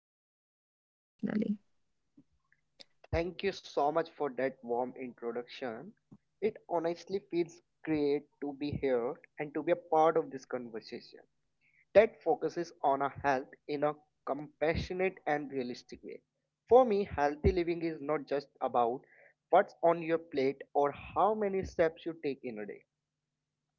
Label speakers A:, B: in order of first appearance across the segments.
A: living means to them personally.
B: Thank you so much for that warm introduction. It honestly feels great to be here and to be a part of this conversation that focuses on our health in a compassionate and realistic way. For me, healthy living is not just about what's on your plate or how many steps you take in a day.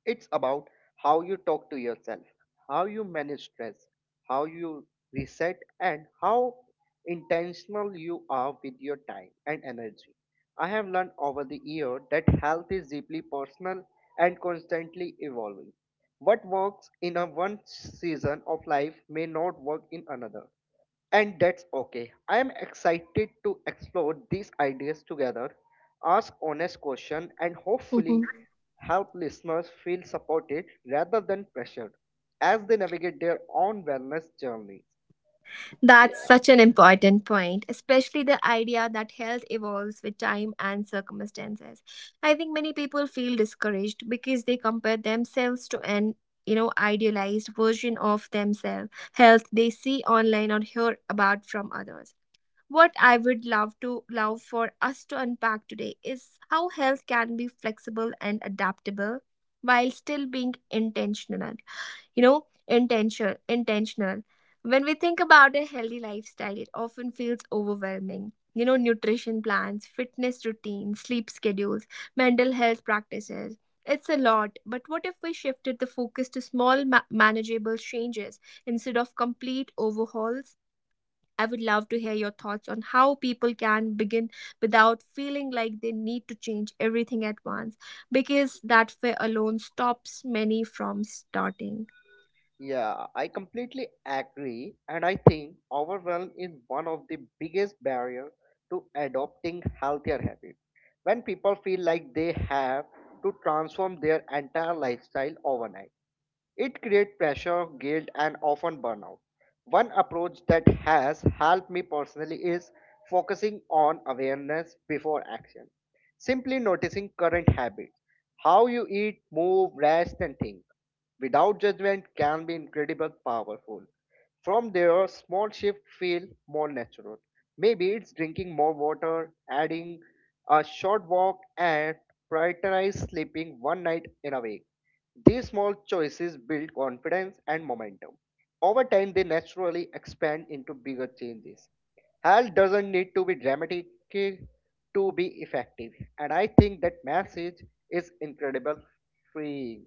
B: It's about how you talk to yourself, how you manage stress, how you reset, and how intentional you are with your time and energy. I have learned over the year that health is deeply personal and constantly evolving. What works in a one season of life may not work in another, and that's okay. I am excited to explore these ideas together, ask honest questions, and hopefully
A: Mhm.
B: help listeners feel supported rather than pressured as they navigate their own wellness journey.
A: That's
B: Yeah,
A: such an important point, especially the idea that health evolves with time and circumstances. I think many people feel discouraged because they compare themselves to an idealized version of themselves, health they see online or hear about from others. What I would love for us to unpack today is how health can be flexible and adaptable while still being intentional, you know intentional. When we think about a healthy lifestyle, it often feels overwhelming, nutrition plans, fitness routines, sleep schedules, mental health practices. It's a lot, but what if we shifted the focus to small, manageable changes instead of complete overhauls? I would love to hear your thoughts on how people can begin without feeling like they need to change everything at once, because that fear alone stops many from starting.
B: yeah, I completely agree, and I think overwhelm is one of the biggest barriers to adopting healthier habits. When people feel like they have to transform their entire lifestyle overnight, it creates pressure, guilt, and often burnout. One approach that has helped me personally is focusing on awareness before action. Simply noticing current habits, how you eat, move, rest, and think without judgment can be incredibly powerful. From there, small shifts feel more natural. Maybe it's drinking more water, adding a short walk, and prioritize sleeping one night in a week. These small choices build confidence and momentum. Over time, they naturally expand into bigger changes. Health doesn't need to be dramatic to be effective, and I think that message is incredible freeing.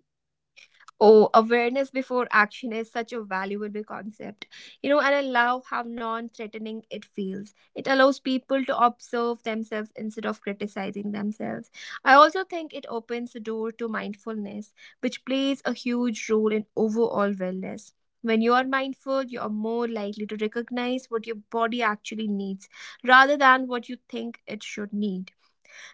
A: Oh, awareness before action is such a valuable concept. You know, and I love how non threatening it feels. It allows people to observe themselves instead of criticizing themselves. I also think it opens the door to mindfulness, which plays a huge role in overall wellness. When you are mindful, you are more likely to recognize what your body actually needs rather than what you think it should need.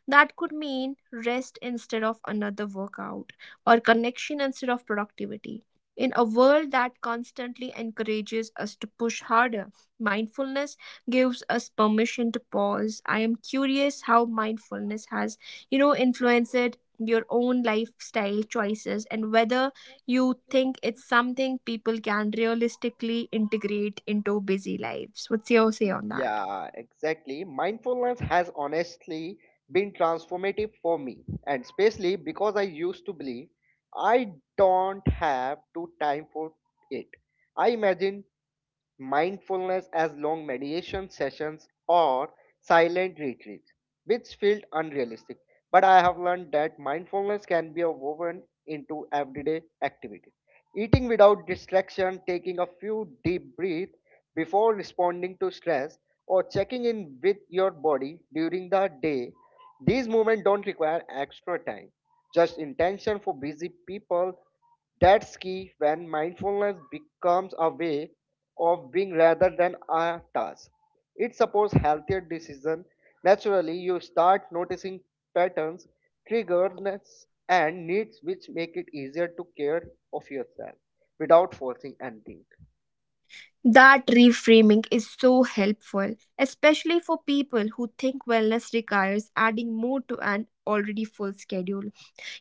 A: That could mean rest instead of another workout or connection instead of productivity. In a world that constantly encourages us to push harder, mindfulness gives us permission to pause. I am curious how mindfulness has, you know, influenced your own lifestyle choices and whether you think it's something people can realistically integrate into busy lives. What's your say on that?
B: Yeah, exactly. Mindfulness has honestly been transformative for me, and especially because I used to believe I don't have to time for it. I imagine mindfulness as long meditation sessions or silent retreats, which felt unrealistic. But I have learned that mindfulness can be woven into everyday activities. Eating without distraction, taking a few deep breaths before responding to stress, or checking in with your body during the day. These movements don't require extra time, just intention for busy people. That's key when mindfulness becomes a way of being rather than a task. It supports healthier decision. Naturally, you start noticing patterns, triggers, and needs which make it easier to care of yourself without forcing anything.
A: That reframing is so helpful, especially for people who think wellness requires adding more to an already full schedule.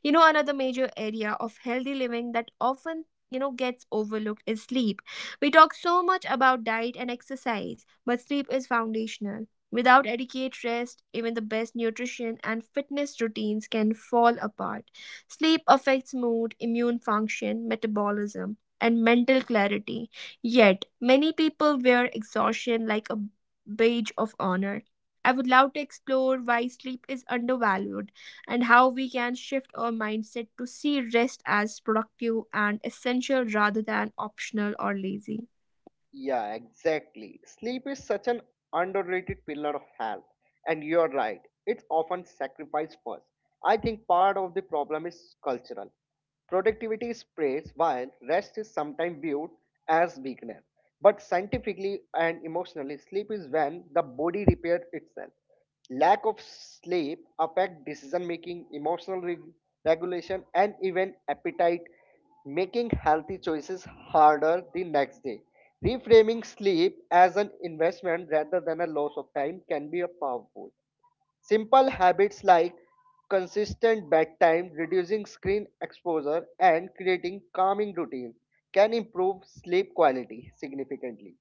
A: You know, another major area of healthy living that often, gets overlooked is sleep. We talk so much about diet and exercise, but sleep is foundational. Without adequate rest, even the best nutrition and fitness routines can fall apart. Sleep affects mood, immune function, metabolism, and mental clarity. Yet, many people wear exhaustion like a badge of honor. I would love to explore why sleep is undervalued and how we can shift our mindset to see rest as productive and essential rather than optional or lazy.
B: Yeah, exactly. Sleep is such an underrated pillar of health, and you're right, it's often sacrificed first. I think part of the problem is cultural. Productivity is praised while rest is sometimes viewed as weakness. But scientifically and emotionally, sleep is when the body repairs itself. Lack of sleep affect decision making, emotional regulation, and even appetite, making healthy choices harder the next day. Reframing sleep as an investment rather than a loss of time can be a powerful. Simple habits like consistent bedtime, reducing screen exposure, and creating calming routines can improve sleep quality significantly.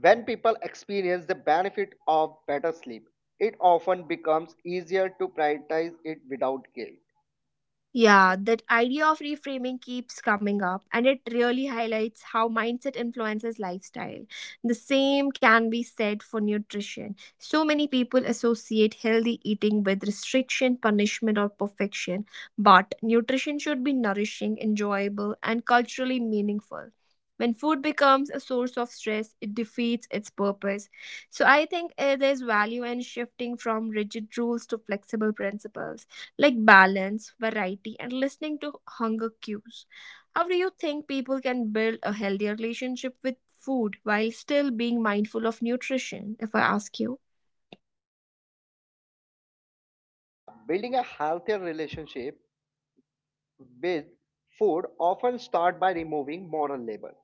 B: When people experience the benefit of better sleep, it often becomes easier to prioritize it without guilt.
A: Yeah, that idea of reframing keeps coming up, and it really highlights how mindset influences lifestyle. The same can be said for nutrition. So many people associate healthy eating with restriction, punishment, or perfection, but nutrition should be nourishing, enjoyable, and culturally meaningful. When food becomes a source of stress, it defeats its purpose. So, I think there's value in shifting from rigid rules to flexible principles like balance, variety, and listening to hunger cues. How do you think people can build a healthier relationship with food while still being mindful of nutrition, if I ask you?
B: Yeah, building a healthier relationship with food often starts by removing moral labor.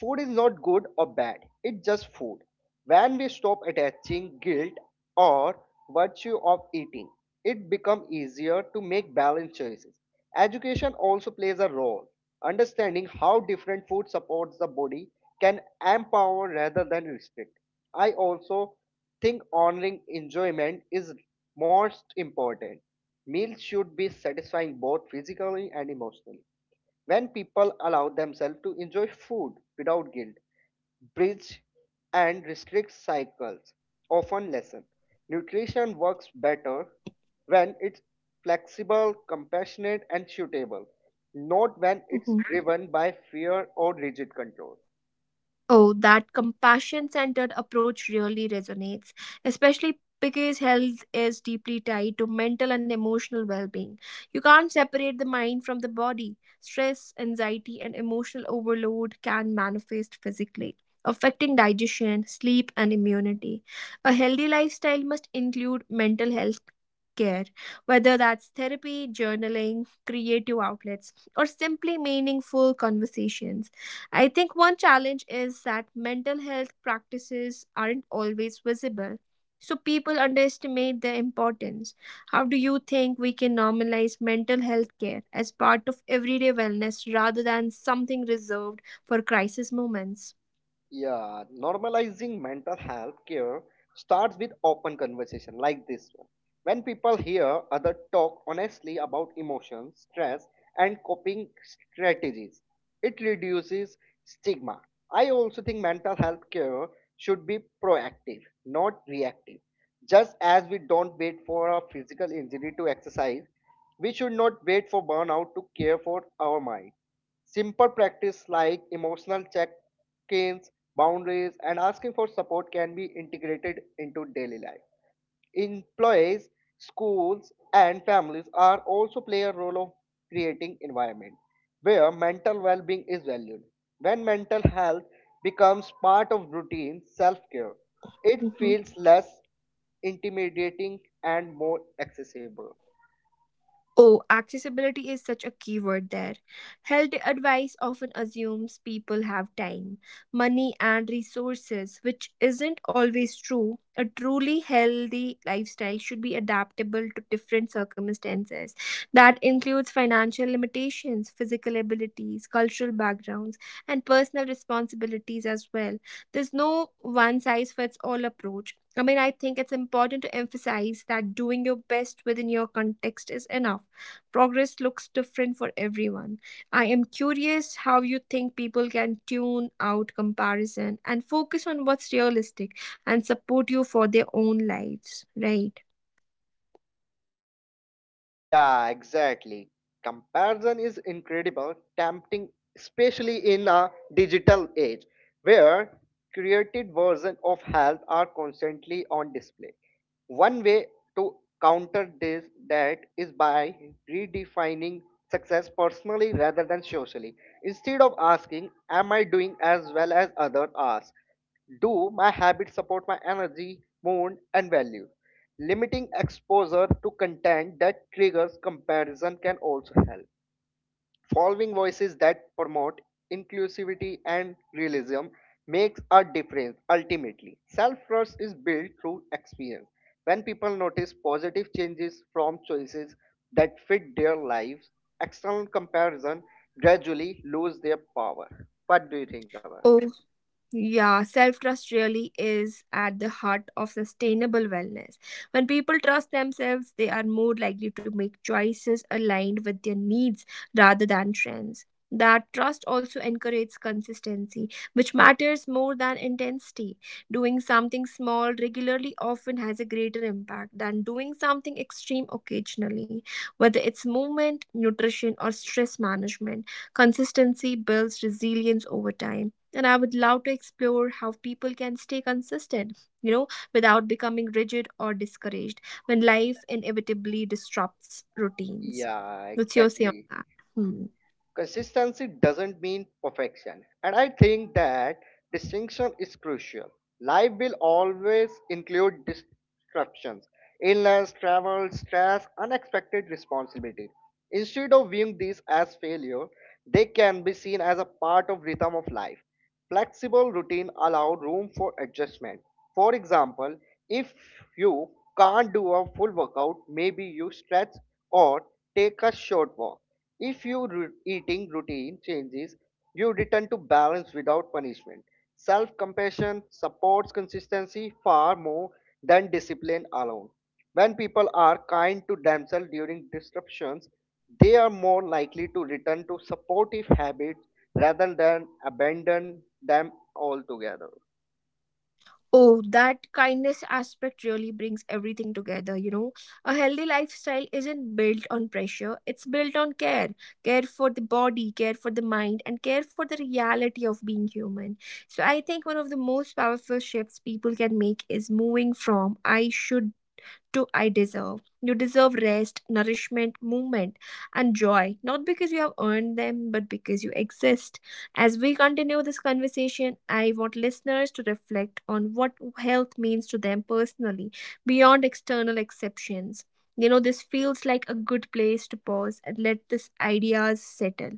B: Food is not good or bad, it's just food. When we stop attaching guilt or virtue of eating, it becomes easier to make balanced choices. Education also plays a role. Understanding how different food supports the body can empower rather than restrict. I also think honoring enjoyment is most important. Meals should be satisfying both physically and emotionally. When people allow themselves to enjoy food without guilt, bridge and restrict cycles often lessen. Nutrition works better when it's flexible, compassionate, and suitable, not when it's driven by fear or rigid control.
A: Oh, that compassion centered approach really resonates, especially because health is deeply tied to mental and emotional well being. You can't separate the mind from the body. Stress, anxiety, and emotional overload can manifest physically, affecting digestion, sleep, and immunity. A healthy lifestyle must include mental health care, whether that's therapy, journaling, creative outlets, or simply meaningful conversations. I think one challenge is that mental health practices aren't always visible, so people underestimate their importance. How do you think we can normalize mental health care as part of everyday wellness rather than something reserved for crisis moments?
B: Yeah, normalizing mental health care starts with open conversation like this one. When people hear other talk honestly about emotions, stress, and coping strategies, it reduces stigma. I also think mental health care should be proactive, not reactive. Just as we don't wait for a physical injury to exercise, we should not wait for burnout to care for our mind. Simple practice like emotional check ins, boundaries, and asking for support can be integrated into daily life. Employees, schools, and families are also play a role of creating environment where mental well-being is valued. When mental health becomes part of routine self-care, it
A: Mm-hmm.
B: feels less intimidating and more accessible.
A: Oh, accessibility is such a key word there. Health advice often assumes people have time, money, and resources, which isn't always true. A truly healthy lifestyle should be adaptable to different circumstances. That includes financial limitations, physical abilities, cultural backgrounds, and personal responsibilities as well. There's no one size fits all approach. I mean, I think it's important to emphasize that doing your best within your context is enough. Progress looks different for everyone. I am curious how you think people can tune out comparison and focus on what's realistic and support you for their own lives, right?
B: Yeah, exactly. Comparison is incredible, tempting, especially in a digital age where created versions of health are constantly on display. One way to counter this that is by redefining success personally rather than socially. Instead of asking, am I doing as well as others are? Do my habits support my energy, mood, and values? Limiting exposure to content that triggers comparison can also help. Following voices that promote inclusivity and realism makes a difference ultimately. Self trust is built through experience. When people notice positive changes from choices that fit their lives, external comparison gradually lose their power. What do you think about?
A: Oh, yeah, self trust really is at the heart of sustainable wellness. When people trust themselves, they are more likely to make choices aligned with their needs rather than trends. That trust also encourages consistency, which matters more than intensity. Doing something small regularly often has a greater impact than doing something extreme occasionally. Whether it's movement, nutrition, or stress management, consistency builds resilience over time. And I would love to explore how people can stay consistent, you know, without becoming rigid or discouraged when life inevitably disrupts routines.
B: Yeah,
A: What's your say on
B: exactly.
A: that? Hmm.
B: Consistency doesn't mean perfection, and I think that distinction is crucial. Life will always include disruptions, illness, travel, stress, unexpected responsibilities. Instead of viewing these as failure, they can be seen as a part of rhythm of life. Flexible routine allow room for adjustment. For example, if you can't do a full workout, maybe you stretch or take a short walk. If your eating routine changes, you return to balance without punishment. Self compassion supports consistency far more than discipline alone. When people are kind to themselves during disruptions, they are more likely to return to supportive habits rather than abandon them altogether.
A: Oh, that kindness aspect really brings everything together, you know. A healthy lifestyle isn't built on pressure, it's built on care. Care for the body, care for the mind, and care for the reality of being human. So I think one of the most powerful shifts people can make is moving from I should do I deserve? You deserve rest, nourishment, movement, and joy, not because you have earned them, but because you exist. As we continue this conversation, I want listeners to reflect on what health means to them personally, beyond external exceptions. You know, this feels like a good place to pause and let these ideas settle.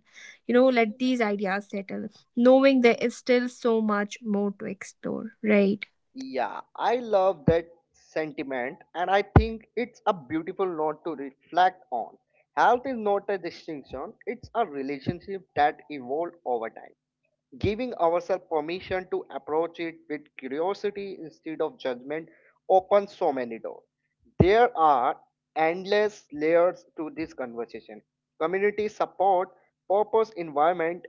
A: Let these ideas settle, knowing there is still so much more to explore, right?
B: Yeah, I love that sentiment and I think it's a beautiful note to reflect on. Health is not a distinction, it's a relationship that evolved over time. Giving ourselves permission to approach it with curiosity instead of judgment opens so many doors. There are endless layers to this conversation: community support, purpose, environment,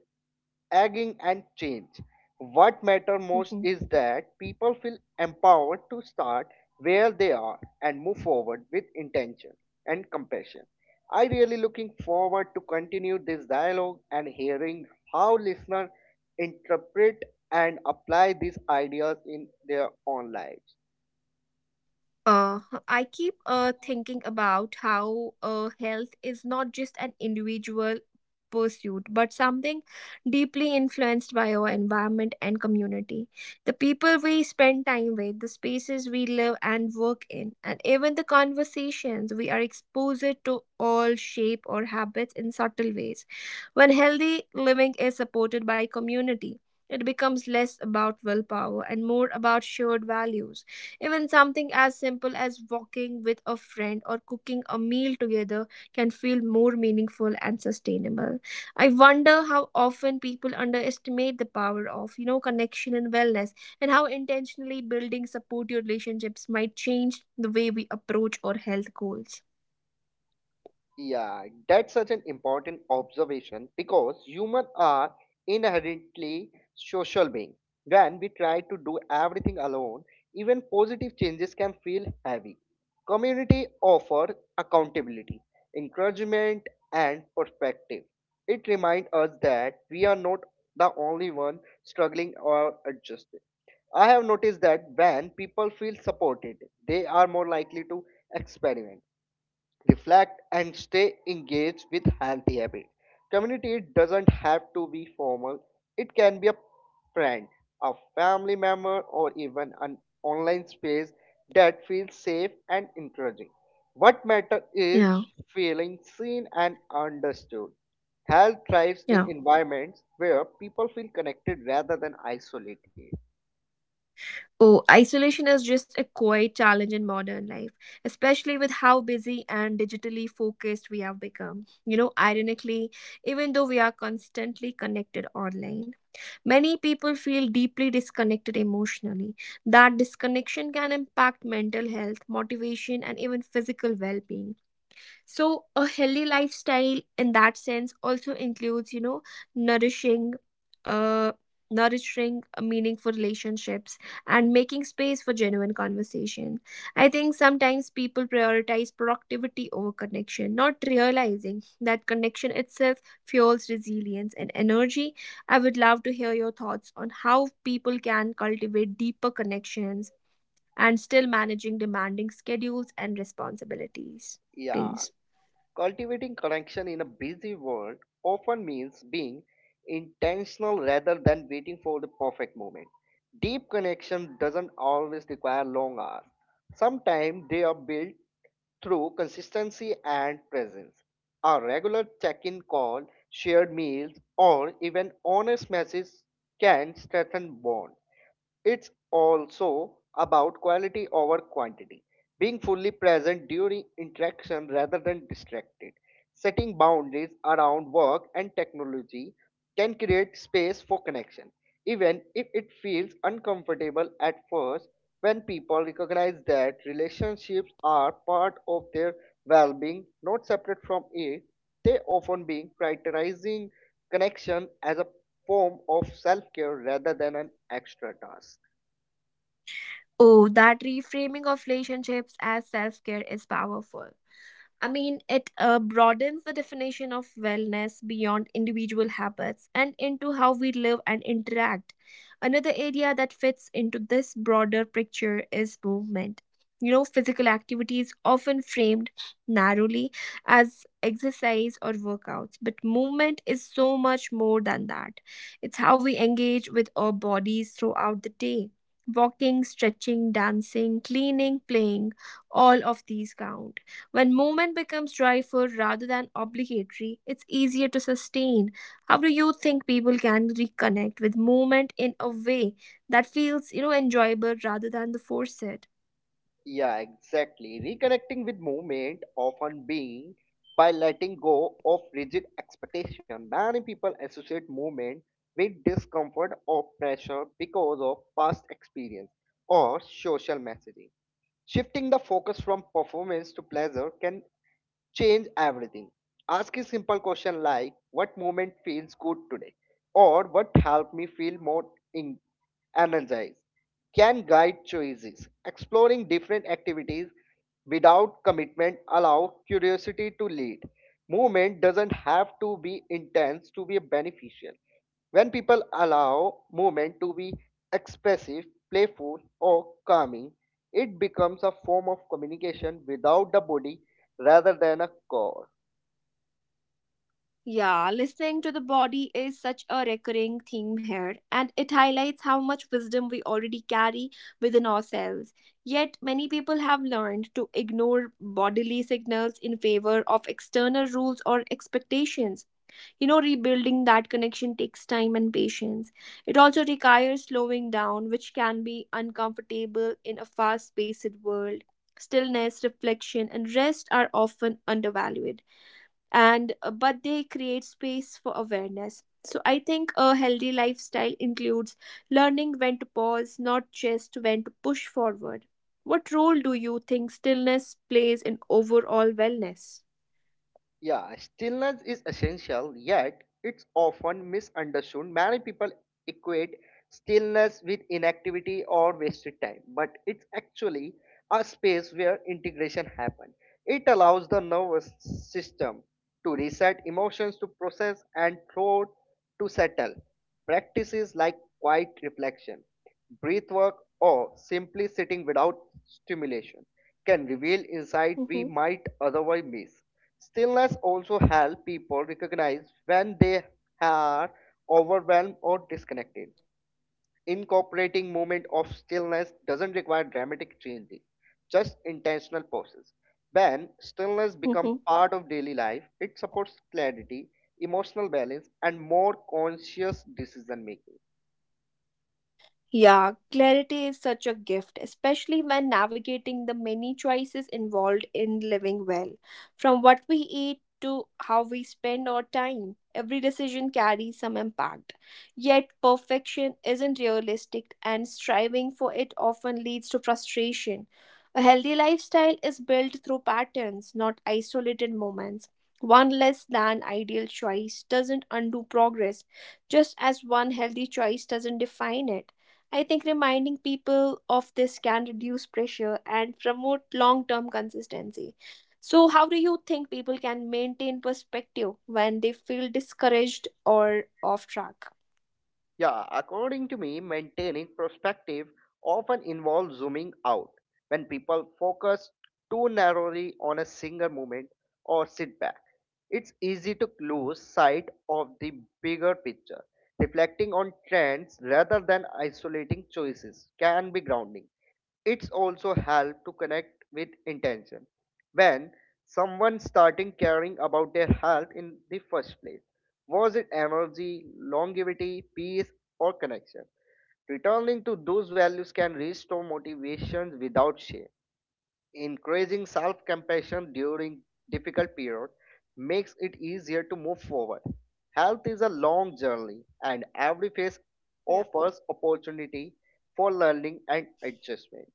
B: aging, and change. What matters most
A: Hmm.
B: is that people feel empowered to start where they are and move forward with intention and compassion. I really looking forward to continue this dialogue and hearing how listeners interpret and apply these ideas in their own lives.
A: Uh, I keep thinking about how health is not just an individual pursuit, but something deeply influenced by our environment and community. The people we spend time with, the spaces we live and work in, and even the conversations we are exposed to all shape our habits in subtle ways. When healthy living is supported by community, it becomes less about willpower and more about shared values. Even something as simple as walking with a friend or cooking a meal together can feel more meaningful and sustainable. I wonder how often people underestimate the power of, you know, connection and wellness, and how intentionally building support your relationships might change the way we approach our health goals.
B: Yeah, that's such an important observation because humans are inherently social beings. When we try to do everything alone, even positive changes can feel heavy. Community offers accountability, encouragement, and perspective. It reminds us that we are not the only one struggling or adjusting. I have noticed that when people feel supported, they are more likely to experiment reflect and stay engaged with healthy habits. Community doesn't have to be formal. It can be a friend, a family member or even an online space that feels safe and encouraging. What matters is
A: Yeah,
B: feeling seen and understood. Health thrives in
A: yeah.
B: environments where people feel connected rather than isolated.
A: Oh, isolation is just a quiet challenge in modern life, especially with how busy and digitally focused we have become. You know, ironically, even though we are constantly connected online, many people feel deeply disconnected emotionally. That disconnection can impact mental health, motivation, and even physical well being. So a healthy lifestyle in that sense also includes, you know, nourishing uh meaningful relationships and making space for genuine conversation. I think sometimes people prioritize productivity over connection, not realizing that connection itself fuels resilience and energy. I would love to hear your thoughts on how people can cultivate deeper connections and still managing demanding schedules and responsibilities.
B: Yeah.
A: Please.
B: Cultivating connection in a busy world often means being intentional rather than waiting for the perfect moment. Deep connection doesn't always require long hours. Sometimes they are built through consistency and presence. A regular check in call, shared meals, or even honest messages can strengthen bond. It's also about quality over quantity, being fully present during interaction rather than distracted. Setting boundaries around work and technology can create space for connection, even if it feels uncomfortable at first. When people recognize that relationships are part of their well being, not separate from it, they often being prioritizing connection as a form of self care rather than an extra task.
A: Oh, that reframing of relationships as self care is powerful. I mean, it broadens the definition of wellness beyond individual habits and into how we live and interact. Another area that fits into this broader picture is movement. You know, physical activity is often framed narrowly as exercise or workouts, but movement is so much more than that. It's how we engage with our bodies throughout the day. Walking, stretching, dancing, cleaning, playing, all of these count when movement becomes joyful rather than obligatory, it's easier to sustain. How do you think people can reconnect with movement in a way that feels, you know, enjoyable rather than the force it?
B: Yeah, exactly. Reconnecting with movement often being by letting go of rigid expectation. Many people associate movement with discomfort or pressure because of past experience or social messaging. Shifting the focus from performance to pleasure can change everything. Ask a simple question like, what moment feels good today? Or what helped me feel more in- energized? Can guide choices. Exploring different activities without commitment allow curiosity to lead. Movement doesn't have to be intense to be beneficial. When people allow movement to be expressive, playful, or calming, it becomes a form of communication without the body rather than a core.
A: Yeah, listening to the body is such a recurring theme here, and it highlights how much wisdom we already carry within ourselves. Yet, many people have learned to ignore bodily signals in favor of external rules or expectations. You know, rebuilding that connection takes time and patience. It also requires slowing down, which can be uncomfortable in a fast-paced world. Stillness, reflection, and rest are often undervalued, and but they create space for awareness. So I think a healthy lifestyle includes learning when to pause, not just when to push forward. What role do you think stillness plays in overall wellness?
B: Yeah, stillness is essential, yet it's often misunderstood. Many people equate stillness with inactivity or wasted time, but it's actually a space where integration happens. It allows the nervous system to reset, emotions to process, and thought to settle. Practices like quiet reflection, breath work, or simply sitting without stimulation can reveal insight we
A: Mm-hmm.
B: might otherwise miss. Stillness also helps people recognize when they are overwhelmed or disconnected. Incorporating moment of stillness doesn't require dramatic changes, just intentional pauses. When stillness becomes part of daily life, it supports clarity, emotional balance, and more conscious decision making.
A: Yeah, clarity is such a gift, especially when navigating the many choices involved in living well. From what we eat to how we spend our time, every decision carries some impact. Yet, perfection isn't realistic, and striving for it often leads to frustration. A healthy lifestyle is built through patterns, not isolated moments. One less than ideal choice doesn't undo progress, just as one healthy choice doesn't define it. I think reminding people of this can reduce pressure and promote long term consistency. So, how do you think people can maintain perspective when they feel discouraged or off track?
B: Yeah, according to me, maintaining perspective often involves zooming out when people focus too narrowly on a single moment or setback. It's easy to lose sight of the bigger picture. Reflecting on trends rather than isolating choices can be grounding. It's also help to connect with intention. When someone starting caring about their health in the first place, was it energy, longevity, peace, or connection? Returning to those values can restore motivation without shame. Increasing self compassion during difficult periods makes it easier to move forward. Health is a long journey, and every phase
A: Yeah.
B: offers opportunity for learning and adjustment.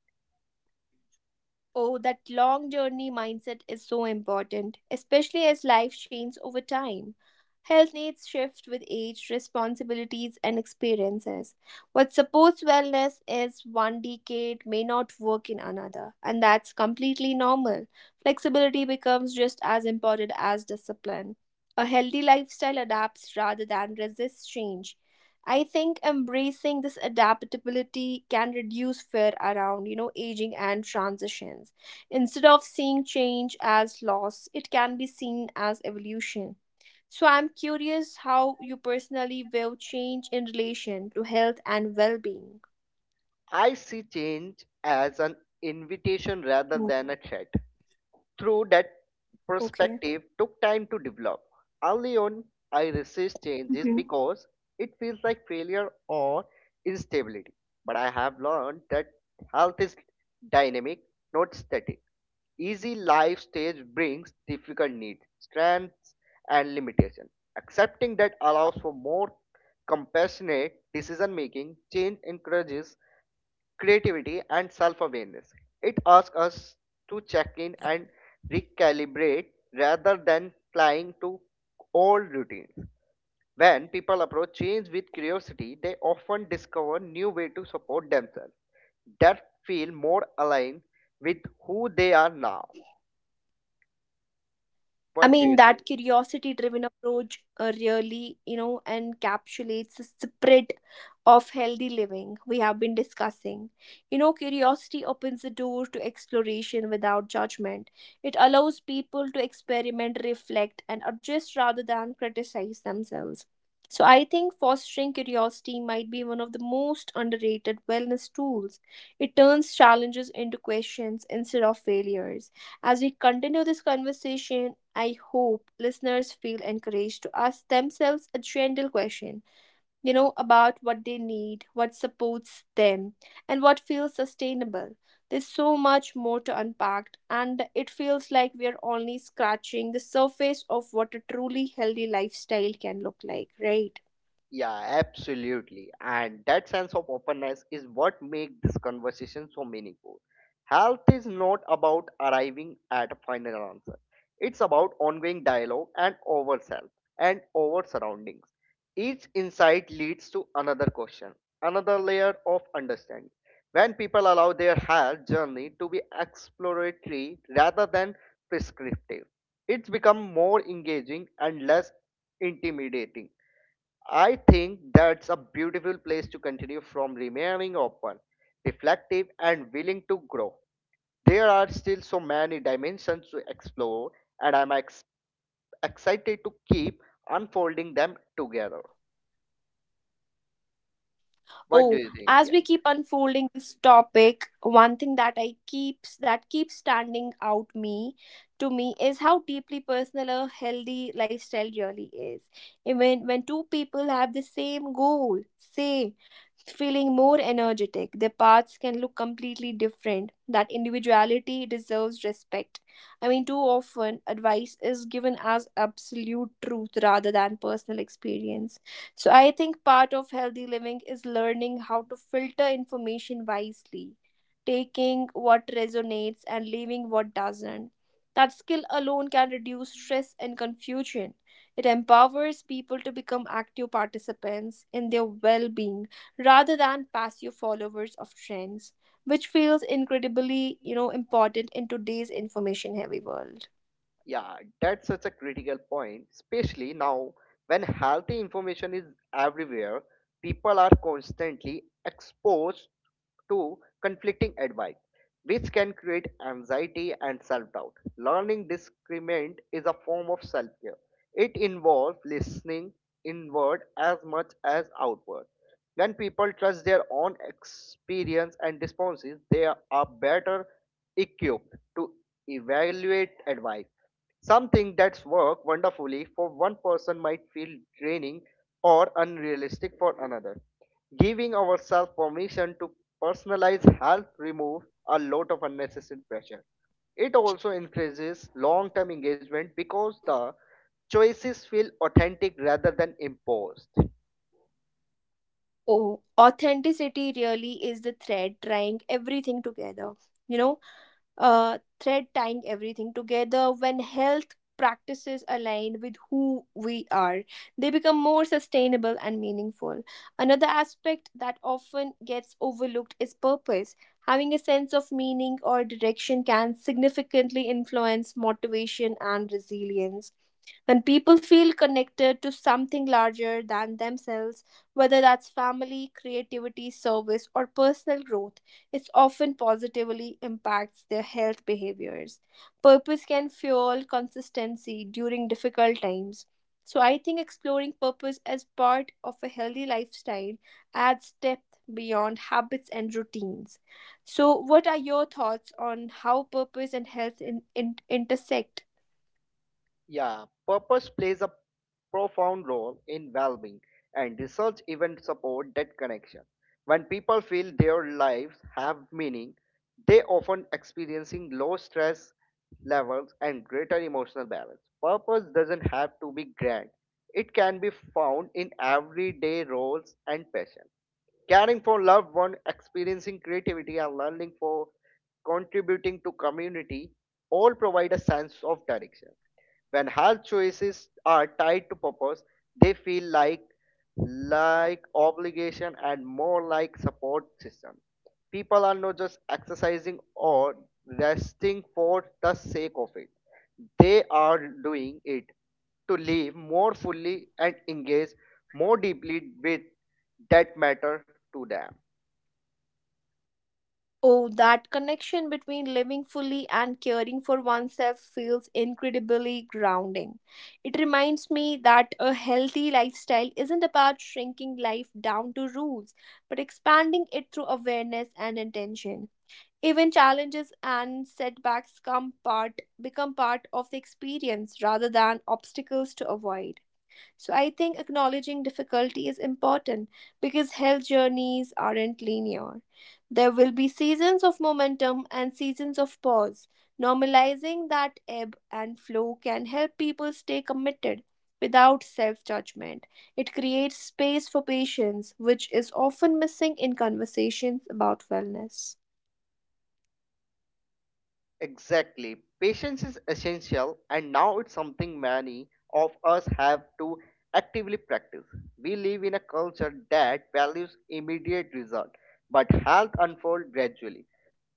A: Oh, that long journey mindset is so important, especially as life changes over time. Health needs shift with age, responsibilities, and experiences. What supports wellness is one decade may not work in another, and that's completely normal. Flexibility becomes just as important as discipline. A healthy lifestyle adapts rather than resists change. I think embracing this adaptability can reduce fear around, aging and transitions. Instead of seeing change as loss, it can be seen as evolution. So I'm curious how you personally view change in relation to health and well-being.
B: I see change as an invitation rather
A: Mm.
B: than a threat. Through that
A: Okay.
B: perspective took time to develop. Early on, I resist changes because it feels like failure or instability. But I have learned that health is dynamic, not static. Easy life stage brings difficult needs, strengths, and limitations. Accepting that allows for more compassionate decision making. Change encourages creativity, and self awareness. It asks us to check in and recalibrate rather than flying to old routines. When people approach change with curiosity, they often discover new ways to support themselves that feel more aligned with who they are now.
A: I
B: What do
A: mean,
B: you think?
A: that curiosity driven approach really, encapsulates the spirit of healthy living we have been discussing. You know, curiosity opens the door to exploration without judgment. It allows people to experiment, reflect, and adjust rather than criticize themselves. So, I think fostering curiosity might be one of the most underrated wellness tools. It turns challenges into questions instead of failures. As we continue this conversation, I hope listeners feel encouraged to ask themselves a gentle question, about what they need, what supports them, and what feels sustainable. There's so much more to unpack, and it feels like we're only scratching the surface of what a truly healthy lifestyle can look like, right?
B: Yeah, absolutely. And that sense of openness is what makes this conversation so meaningful. Health is not about arriving at a final answer. It's about ongoing dialogue and over self and over surroundings. Each insight leads to another question, another layer of understanding. When people allow their health journey to be exploratory rather than prescriptive, it's become more engaging and less intimidating. I think that's a beautiful place to continue from remaining open, reflective, and willing to grow. There are still so many dimensions to explore, and I'm excited to keep unfolding them together. What do
A: Oh,
B: you think?
A: as we keep unfolding this topic, one thing that keeps standing out me is how deeply personal a healthy lifestyle really is. Even when two people have the same goal, say feeling more energetic, their paths can look completely different. That individuality deserves respect. I mean, too often advice is given as absolute truth rather than personal experience, so I think part of healthy living is learning how to filter information wisely, taking what resonates and leaving what doesn't. That skill alone can reduce stress and confusion. It empowers people to become active participants in their well being rather than passive followers of trends, which feels incredibly, important in today's information heavy world.
B: Yeah, that's such a critical point, especially now when healthy information is everywhere, people are constantly exposed to conflicting advice, which can create anxiety and self doubt. Learning discernment is a form of self care. It involves listening inward as much as outward. When people trust their own experience and responses, they are better equipped to evaluate advice. Something that's worked wonderfully for one person might feel draining or unrealistic for another. Giving ourselves permission to personalize help remove a lot of unnecessary pressure. It also increases long-term engagement because the choices feel authentic rather than imposed.
A: Oh, authenticity really is the thread tying everything together. You know, thread tying everything together when health practices align with who we are, they become more sustainable and meaningful. Another aspect that often gets overlooked is purpose. Having a sense of meaning or direction can significantly influence motivation and resilience. When people feel connected to something larger than themselves, whether that's family, creativity, service, or personal growth, it often positively impacts their health behaviors. Purpose can fuel consistency during difficult times. So, I think exploring purpose as part of a healthy lifestyle adds depth beyond habits and routines. So, what are your thoughts on how purpose and health intersect?
B: Yeah, purpose plays a profound role in well-being, and research even support that connection. When people feel their lives have meaning, they often experiencing low stress levels and greater emotional balance. Purpose doesn't have to be grand; it can be found in everyday roles and passion. Caring for loved one, experiencing creativity, and learning for contributing to community all provide a sense of direction when health choices are tied to purpose, they feel like obligation and more like support system. People are not just exercising or resting for the sake of it. They are doing it to live more fully and engage more deeply with that matter to them.
A: Oh, that connection between living fully and caring for oneself feels incredibly grounding. It reminds me that a healthy lifestyle isn't about shrinking life down to rules, but expanding it through awareness and intention. Even challenges and setbacks become part of the experience rather than obstacles to avoid. So I think acknowledging difficulty is important because health journeys aren't linear. There will be seasons of momentum and seasons of pause. Normalizing that ebb and flow can help people stay committed without self judgment. It creates space for patience, which is often missing in conversations about wellness.
B: Exactly. Patience is essential, and now it's something many of us have to actively practice. We live in a culture that values immediate result, but health unfolds gradually.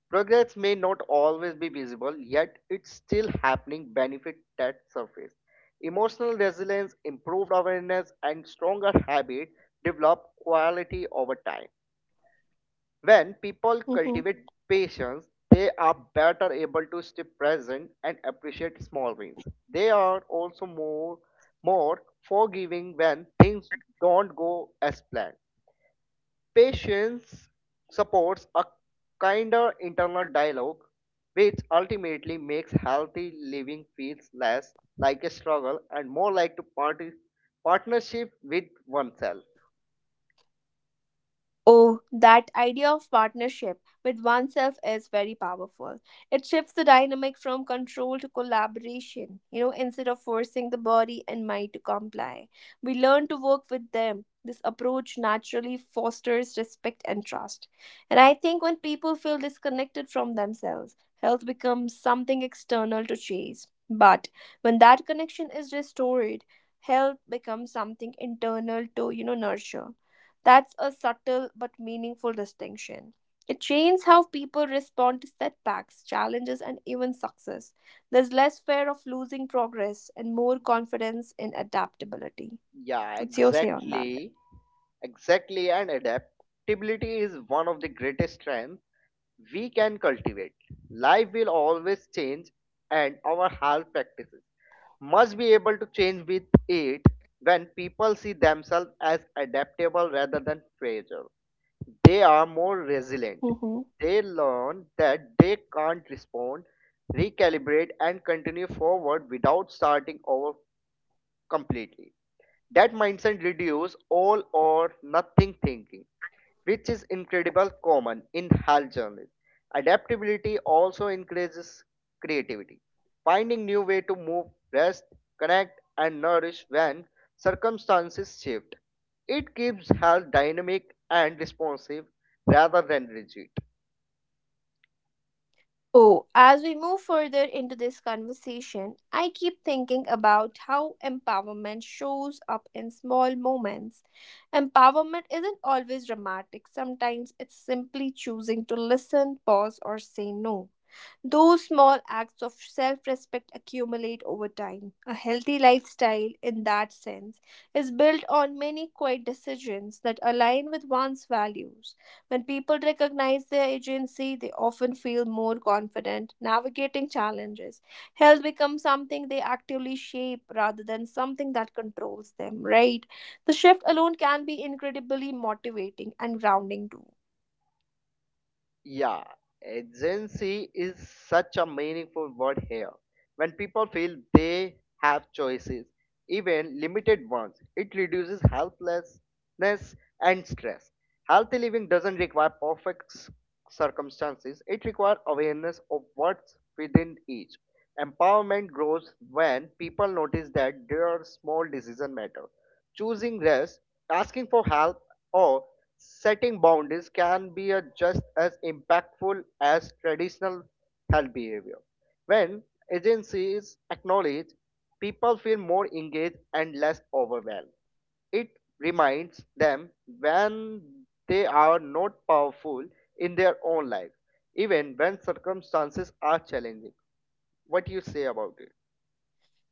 B: Progress may not always be visible, yet it's still happening benefit that surface. Emotional resilience, improved awareness, and stronger habit develop quality over time. When people
A: Mhm.
B: cultivate patience, they are better able to stay present and appreciate small wins. They are also more forgiving when things don't go as planned. Patience supports a kinder internal dialogue which ultimately makes healthy living feels less like a struggle and more like to party partnership with oneself.
A: Oh, that idea of partnership with oneself is very powerful. It shifts the dynamic from control to collaboration. You know, instead of forcing the body and mind to comply, we learn to work with them. This approach naturally fosters respect and trust. And I think when people feel disconnected from themselves, health becomes something external to chase. But when that connection is restored, health becomes something internal to, nurture. That's a subtle but meaningful distinction. It changes how people respond to setbacks, challenges, and even success. There's less fear of losing progress and more confidence in adaptability.
B: Yeah,
A: What's your say on that?
B: exactly. Exactly, and adaptability is one of the greatest strengths we can cultivate. Life will always change, and our health practices must be able to change with it when people see themselves as adaptable rather than fragile. They are more resilient.
A: Hmm.
B: They learn that they can't respond, recalibrate, and continue forward without starting over completely. That mindset reduces all or nothing thinking, which is incredibly common in health journalism. Adaptability also increases creativity, finding new way to move, rest, connect, and nourish when circumstances shift. It keeps health dynamic and responsive rather than rigid.
A: Oh, as we move further into this conversation, I keep thinking about how empowerment shows up in small moments. Empowerment isn't always dramatic, sometimes it's simply choosing to listen, pause, or say no. Those small acts of self respect accumulate over time. A healthy lifestyle, in that sense, is built on many quiet decisions that align with one's values. When people recognize their agency, they often feel more confident navigating challenges. Health becomes something they actively shape rather than something that controls them, right? The shift alone can be incredibly motivating and grounding too.
B: Yeah, agency is such a meaningful word here. When people feel they have choices, even limited ones, it reduces helplessness and stress. Healthy living doesn't require perfect circumstances, it requires awareness of what's within each. Empowerment grows when people notice that their small decisions matter. Choosing rest, asking for help, or setting boundaries can be a just as impactful as traditional health behavior. When agency is acknowledged, people feel more engaged and less overwhelmed. It reminds them when they are not powerful in their own life, even when circumstances are challenging. What do you say about it?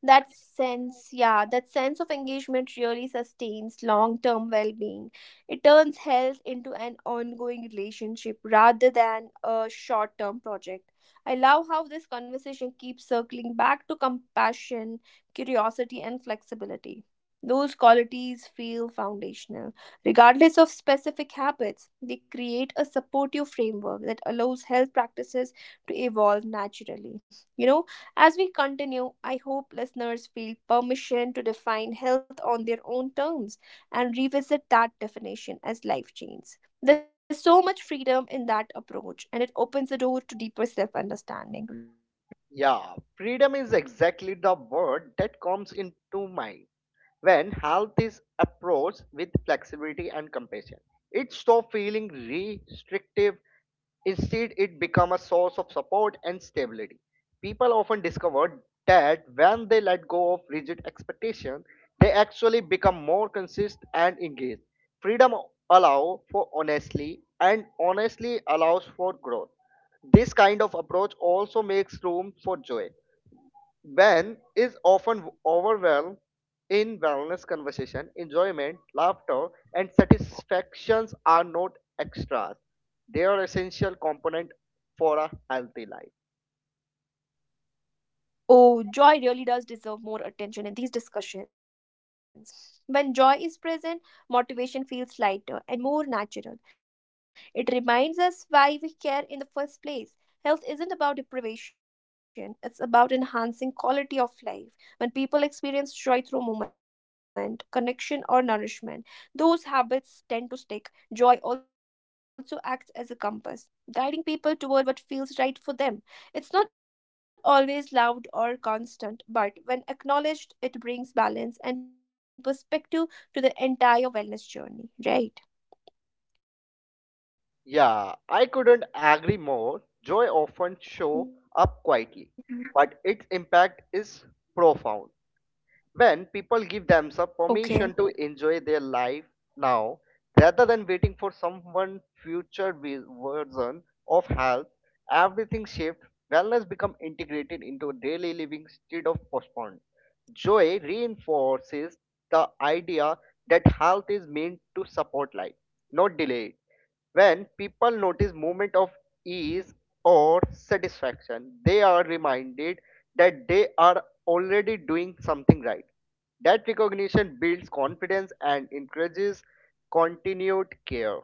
A: That sense of engagement really sustains long-term well-being. It turns health into an ongoing relationship rather than a short-term project. I love how this conversation keeps circling back to compassion, curiosity and flexibility. Those qualities feel foundational regardless of specific habits. They create a supportive framework that allows health practices to evolve naturally. You know, as we continue, I hope listeners feel permission to define health on their own terms and revisit that definition as life change. There's so much freedom in that approach, and it opens the door to deeper self understanding, right?
B: Yeah, freedom is exactly the word that comes into mind. When health is approached with flexibility and compassion, it stops feeling restrictive. Instead, it becomes a source of support and stability. People often discover that when they let go of rigid expectations, they actually become more consistent and engaged. Freedom allows for honesty, and honesty allows for growth. This kind of approach also makes room for joy. When is often overwhelmed in wellness conversation. Enjoyment, laughter, and satisfactions are not extras. They are essential component for a healthy life.
A: Oh, joy really does deserve more attention in these discussions. When joy is present, motivation feels lighter and more natural. It reminds us why we care in the first place. Health isn't about deprivation, it's about enhancing quality of life. When people experience joy through movement, connection, or nourishment, those habits tend to stick. Joy also acts as a compass, guiding people toward what feels right for them. It's not always loud or constant, but when acknowledged, it brings balance and perspective to the entire wellness journey, right?
B: Yeah, I couldn't agree more. Joy often show up quietly,
A: Mhm.
B: but its impact is profound. When people give themselves
A: Okay.
B: permission to enjoy their life now rather than waiting for someone future version of health, everything shifts. Wellness becomes integrated into daily living instead of postponed. Joy reinforces the idea that health is meant to support life, not delay it. When people notice moment of ease or satisfaction, they are reminded that they are already doing something right. That recognition builds confidence and encourages continued care.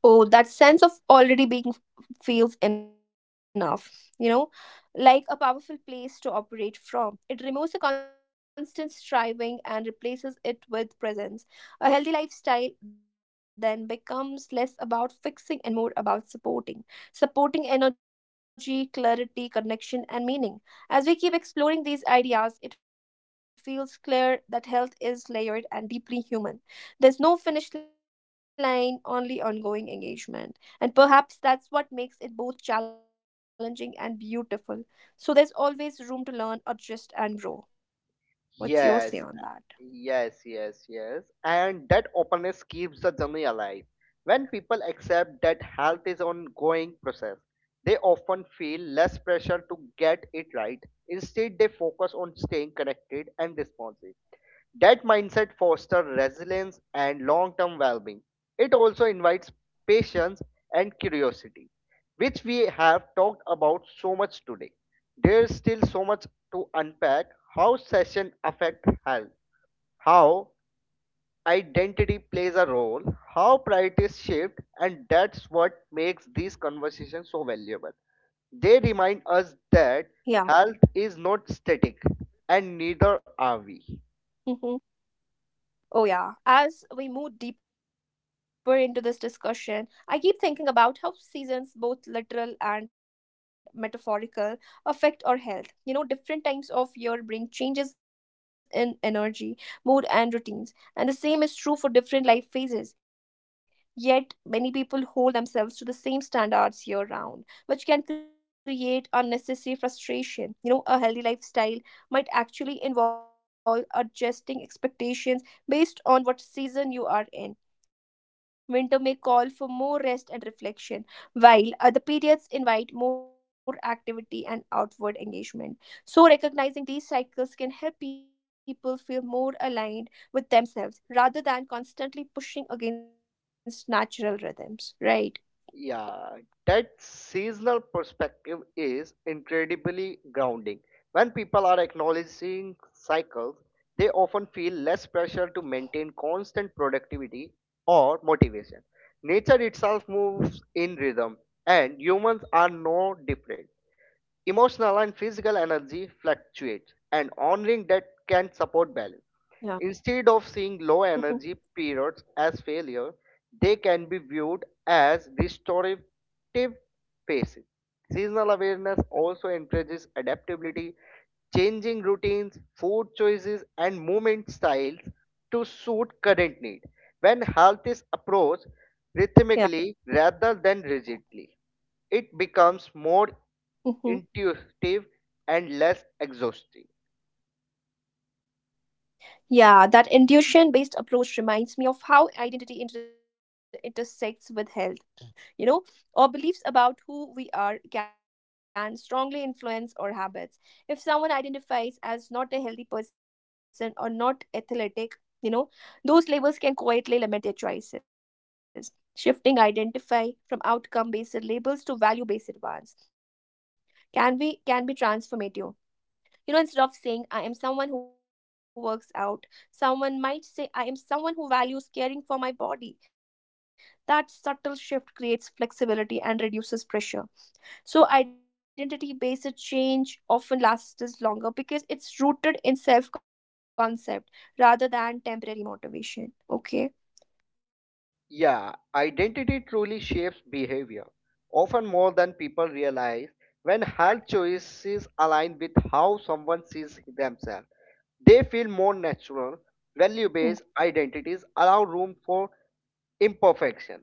A: Oh, that sense of already being feels enough, you know, like a powerful place to operate from. It removes the constant striving and replaces it with presence. A healthy lifestyle then becomes less about fixing and more about supporting. Supporting energy, clarity, connection, and meaning. As we keep exploring these ideas, it feels clear that health is layered and deeply human. There's no finish line, only ongoing engagement. And perhaps that's what makes it both challenging and beautiful. So there's always room to learn, adjust, and grow. What's your say
B: Yes,
A: on that?
B: yes, yes, yes. And that openness keeps the journey alive. When people accept that health is ongoing process, they often feel less pressure to get it right. Instead, they focus on staying connected and responsive. That mindset fosters resilience and long term well being. It also invites patience and curiosity, which we have talked about so much today. There's still so much to unpack how session affect health, how identity plays a role, how priorities shift, and that's what makes these conversations so valuable they remind us that
A: Yeah.
B: health is not static and neither are we.
A: Mhm. Oh, yeah. As we move deeper into this discussion, I keep thinking about how seasons, both literal and metaphorical, affect our health. You know, different times of year bring changes in energy, mood, and routines. And the same is true for different life phases. Yet, many people hold themselves to the same standards year round, which can create unnecessary frustration. You know, a healthy lifestyle might actually involve adjusting expectations based on what season you are in. Winter may call for more rest and reflection, while other periods invite more activity and outward engagement. So, recognizing these cycles can help people feel more aligned with themselves rather than constantly pushing against natural rhythms, right?
B: Yeah, that seasonal perspective is incredibly grounding. When people are acknowledging cycles, they often feel less pressure to maintain constant productivity or motivation. Nature itself moves in rhythm, and humans are no different. Emotional and physical energy fluctuate, and honoring that can support balance.
A: Yeah.
B: Instead of seeing low energy
A: Hmm.
B: periods as failure, they can be viewed as restorative phases. Seasonal awareness also encourages adaptability, changing routines, food choices, and movement styles to suit current need. When health is approached
A: Yeah.
B: rhythmically rather than rigidly, it becomes more
A: Hmm.
B: intuitive and less exhausting.
A: Yeah. That intuition based approach reminds me of how identity intersects with health. You know, or beliefs about who we are can strongly influence our habits. If someone identifies as not a healthy person or not athletic, you know, those labels can quietly limit their choices. Shifting identify from outcome based labels to value based ones can be transformative. Instead of saying, I am someone who works out, someone might say, I am someone who values caring for my body. That subtle shift creates flexibility and reduces pressure. So, identity based change often lasts longer because it's rooted in self concept rather than temporary motivation. Okay.
B: Yeah, identity truly shapes behavior, often more than people realize. When health choices align with how someone sees themselves, they feel more natural. Value based identities allow room for imperfection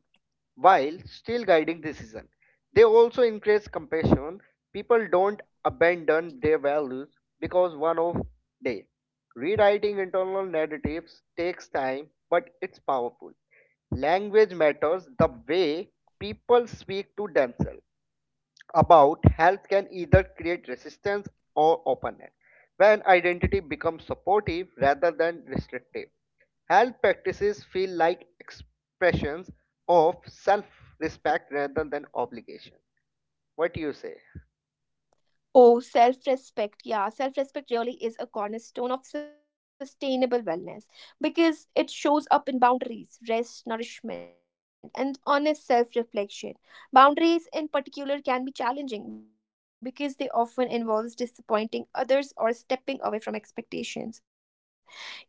B: while still guiding decision. They also increase compassion. People don't abandon their values because one of day. Rewriting internal narratives takes time, but it's powerful. Language matters. The way people speak to themselves about health can either create resistance or openness. When identity becomes supportive rather than restrictive, health practices feel like expressions of self respect rather than obligation. What do you say?
A: Oh, self respect. Yeah, self respect really is a cornerstone of sustainable wellness because it shows up in boundaries, rest, nourishment, and honest self reflection. Boundaries, in particular, can be challenging because they often involve disappointing others or stepping away from expectations.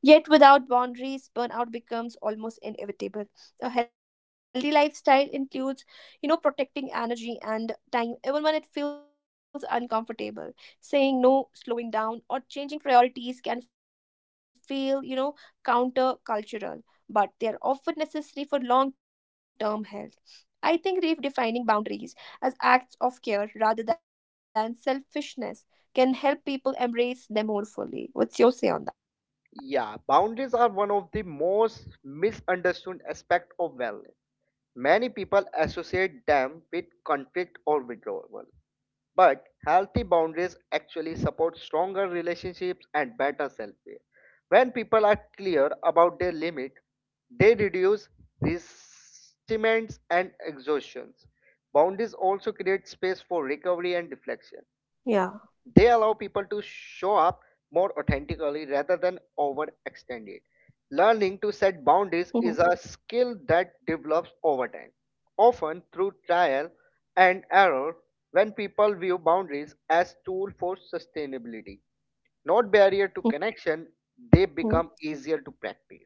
A: Yet, without boundaries, burnout becomes almost inevitable. A healthy lifestyle includes, protecting energy and time, even when it feels uncomfortable. Saying no, slowing down, or changing priorities can feel, countercultural, but they're often necessary for long term health. I think redefining boundaries as acts of care rather than selfishness can help people embrace them more fully. What's your say on that?
B: Yeah, boundaries are one of the most misunderstood aspects of wellness. Many people associate them with conflict or withdrawal. But healthy boundaries actually support stronger relationships and better self care. When people are clear about their limit, they reduce resentments and exhaustions. Boundaries also create space for recovery and reflection they allow people to show up
A: Yeah.
B: more authentically rather than overextended. Learning to set boundaries is a skill
A: Mm-hmm.
B: that develops over time, often through trial and error when people view boundaries as tool for sustainability, not barrier to connection, they
A: Mm-hmm.
B: become easier to practice.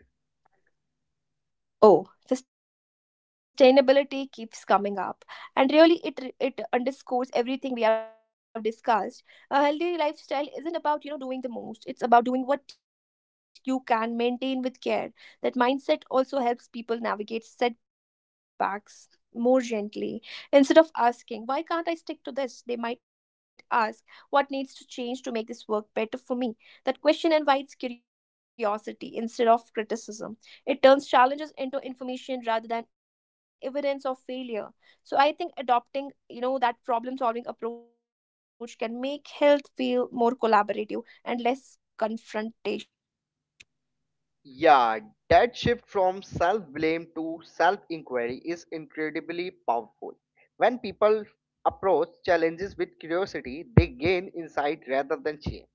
A: Oh, sustainability keeps coming up, and really, it underscores everything we have discussed. A healthy lifestyle isn't about doing the most; it's about doing what you can maintain with care. That mindset also helps people navigate setbacks more gently. Instead of asking, "Why can't I stick to this?" they might ask, "What needs to change to make this work better for me?" That question invites curiosity instead of criticism. It turns challenges into information rather than evidence of failure. So I think adopting that problem solving approach can make health feel more collaborative and less confrontational. What do you say on
B: Yeah,
A: that?
B: that shift from self blame to self inquiry is incredibly powerful. When people approach challenges with curiosity, they gain insight rather than shame.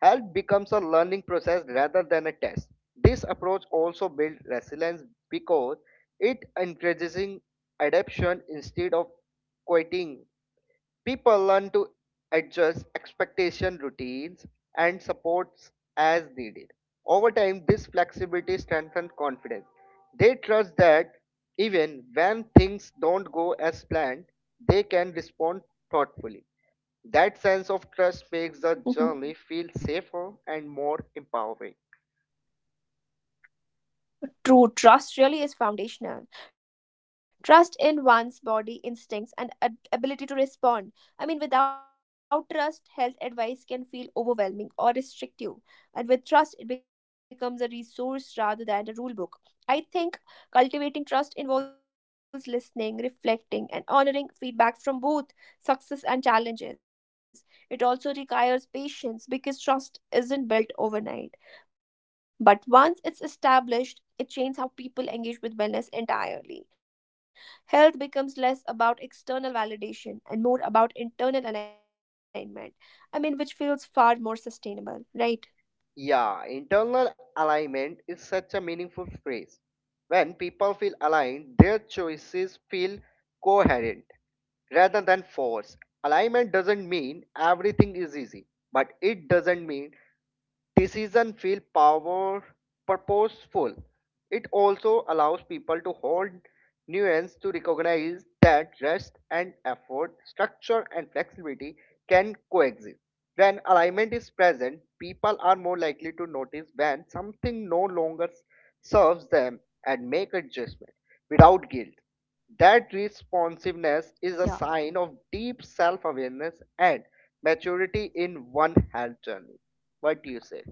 B: Health becomes a learning process rather than a test. This approach also builds resilience because it encourages adaptation instead of quitting. People learn to adjust expectation routines and supports as needed. Over time, this flexibility strengthens confidence. They trust that even when things don't go as planned, they can respond thoughtfully. That sense of trust makes the
A: Hmm.
B: journey feel safer and more empowering.
A: True trust really is foundational. Trust in one's body instincts and ability to respond. I mean, without trust, health advice can feel overwhelming or restrictive. And with trust, it becomes a resource rather than a rule book. I think cultivating trust involves listening, reflecting, and honoring feedback from both success and challenges. It also requires patience because trust isn't built overnight. But once it's established, it changes how people engage with wellness entirely. Health becomes less about external validation and more about internal alignment. I mean, which feels far more sustainable, right?
B: Yeah, internal alignment is such a meaningful phrase. When people feel aligned, their choices feel coherent rather than forced. Alignment doesn't mean everything is easy, but it doesn't mean decision feel power purposeful. It also allows people to hold nuance to recognize that rest and effort, structure and flexibility can coexist. When alignment is present, people are more likely to notice when something no longer serves them and make adjustment without guilt. That responsiveness is a
A: Yeah.
B: sign of deep self awareness and maturity in one health journey. What do you say?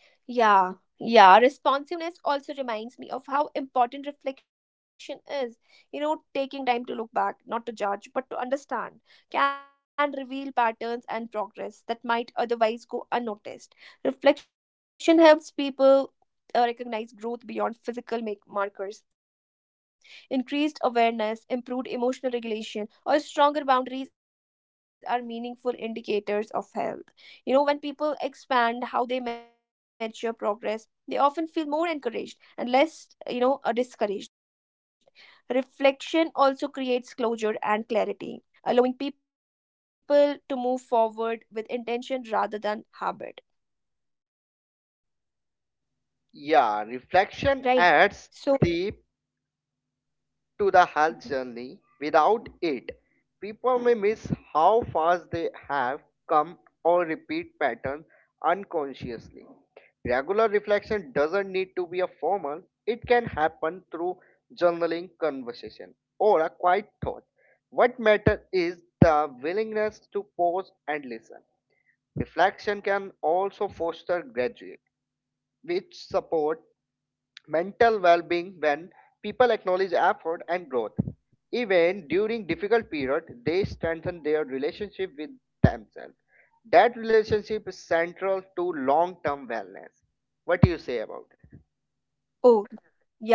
A: Yeah, yeah. Responsiveness also reminds me of how important reflection is. You know, taking time to look back, not to judge, but to understand, can reveal patterns and progress that might otherwise go unnoticed. Reflection helps people. Recognize growth beyond physical make markers, increased awareness, improved emotional regulation, or stronger boundaries are meaningful indicators of health. You know, when people expand how they measure progress, they often feel more encouraged and less, discouraged. Reflection also creates closure and clarity, allowing people to move forward with intention rather than habit.
B: Yeah, reflection adds
A: Right?
B: deep
A: So,
B: to the health journey. Without it, people may miss how fast they have come or repeat patterns unconsciously. Regular reflection doesn't need to be a formal, it can happen through journaling, conversation, or a quiet thought. What matters is the willingness to pause and listen. Reflection can also foster graduate, which support mental well being when people acknowledge effort and growth. Even during difficult periods, they strengthen their relationship with themselves. That relationship is central to long term wellness. What do you say about it?
A: oh,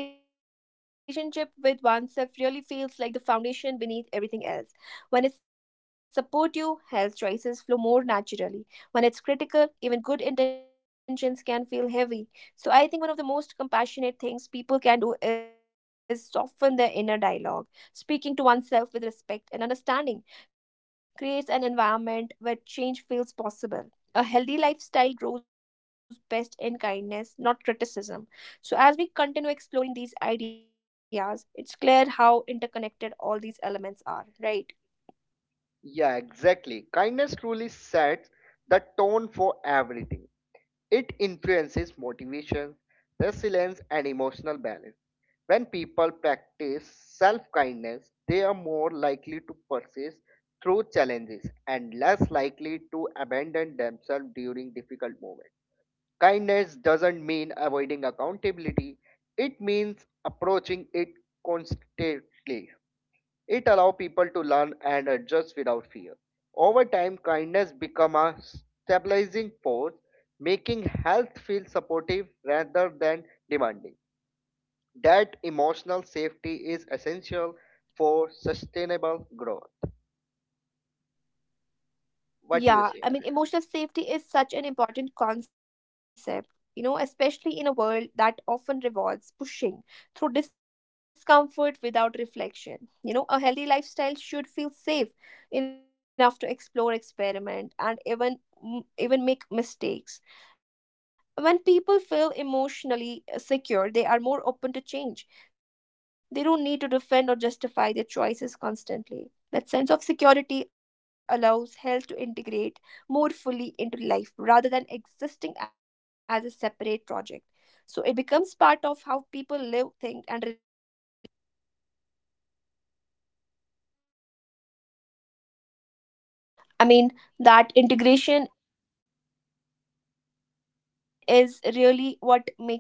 A: yeah, that relationship with oneself really feels like the foundation beneath everything else. When it's supportive, health choices flow more naturally. When it's critical, even good intentions can feel heavy. So, I think one of the most compassionate things people can do is soften their inner dialogue. Speaking to oneself with respect and understanding creates an environment where change feels possible. A healthy lifestyle grows best in kindness, not criticism. So, as we continue exploring these ideas, it's clear how interconnected all these elements are, right?
B: Yeah, exactly. Kindness truly sets the tone for everything. It influences motivation, resilience, and emotional balance. When people practice self kindness, they are more likely to persist through challenges and less likely to abandon themselves during difficult moments. Kindness doesn't mean avoiding accountability, it means approaching it constantly. It allows people to learn and adjust without fear. Over time, kindness becomes a stabilizing force, making health feel supportive rather than demanding. That emotional safety is essential for sustainable growth. What do you say?
A: Yeah, I mean, emotional safety is such an important concept, you know, especially in a world that often rewards pushing through discomfort without reflection. You know, a healthy lifestyle should feel safe enough to explore, experiment, and even make mistakes. When people feel emotionally secure, they are more open to change. They don't need to defend or justify their choices constantly. That sense of security allows health to integrate more fully into life rather than existing as a separate project. So it becomes part of how people live, think, and relate to themselves, right? I mean, that integration is really what makes wellness sustainable.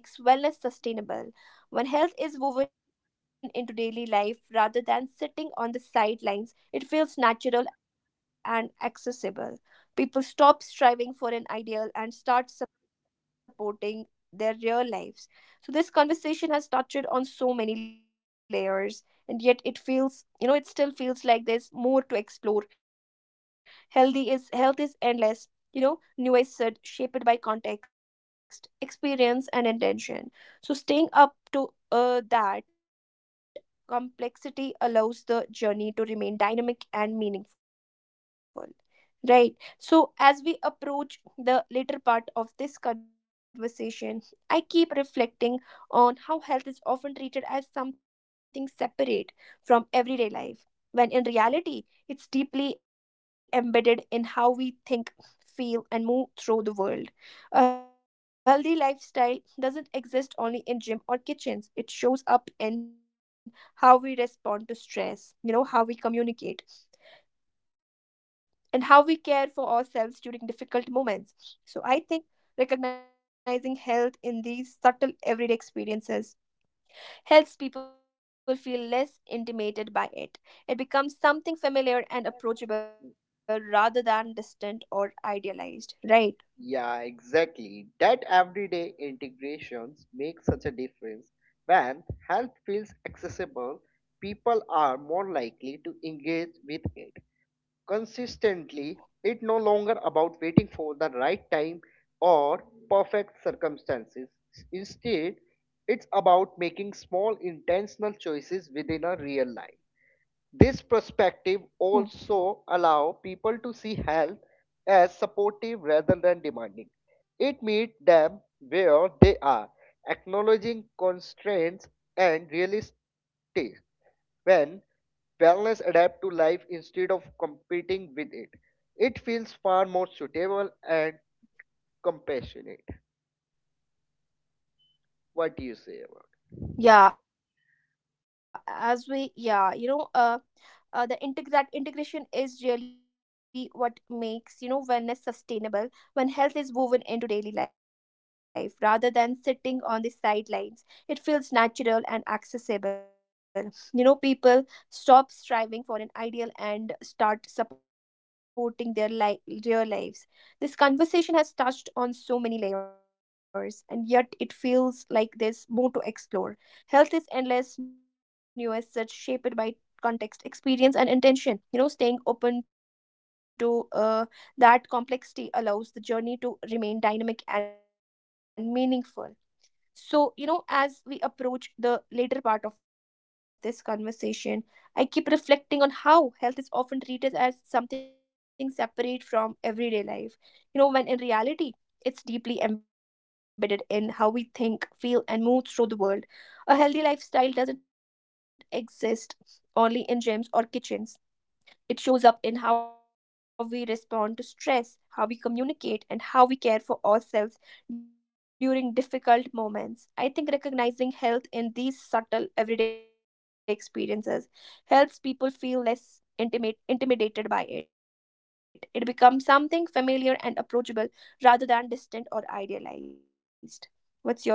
A: When health is woven into daily life rather than sitting on the sidelines, it feels natural and accessible. People stop striving for an ideal and start supporting their real lives. So, this conversation has touched on so many layers, and yet it feels it still feels like there's more to explore. Health is endless, you know, nuanced, shaped by context, experience, and intention. So, staying up to that complexity allows the journey to remain dynamic and meaningful. Right. So, as we approach the later part of this conversation, I keep reflecting on how health is often treated as something separate from everyday life, when in reality, it's deeply embedded in how we think, feel, and move through the world. A healthy lifestyle doesn't exist only in gym or kitchens. It shows up in how we respond to stress, you know, how we communicate, and how we care for ourselves during difficult moments. So I think recognizing health in these subtle everyday experiences helps people feel less intimidated by it. It becomes something familiar and approachable rather than distant or idealized, right?
B: Yeah, exactly. That everyday integrations make such a difference. When health feels accessible, people are more likely to engage with it consistently. It no longer about waiting for the right time or perfect circumstances. Instead, it's about making small intentional choices within a real life. This perspective
A: Hmm.
B: also allows people to see health as supportive rather than demanding. It meets them where they are acknowledging constraints and realistic. When wellness adapts to life instead of competing with it, it feels far more suitable and compassionate. What do you say about?
A: Yeah, as we yeah, you know, the integ- That integration is really what makes, you know, wellness sustainable. When health is woven into daily life rather than sitting on the sidelines, it feels natural and accessible. You know, people stop striving for an ideal and start supporting real lives. This conversation has touched on so many layers, and yet it feels like there's more to explore. Health is endless, nuanced, shaped by context, experience, and intention. You know, staying open to that complexity allows the journey to remain dynamic and meaningful. So, you know, as we approach the later part of this conversation, I keep reflecting on how health is often treated as something separate from everyday life, you know, when in reality, it's deeply embedded in how we think, feel, and move through the world. A healthy lifestyle doesn't exist only in gyms or kitchens. It shows up in how we respond to stress, how we communicate, and how we care for ourselves during difficult moments. I think recognizing health in these subtle everyday experiences helps people feel less intimate intimidated by it. It becomes something familiar and approachable rather than distant or idealized. What's your say on that?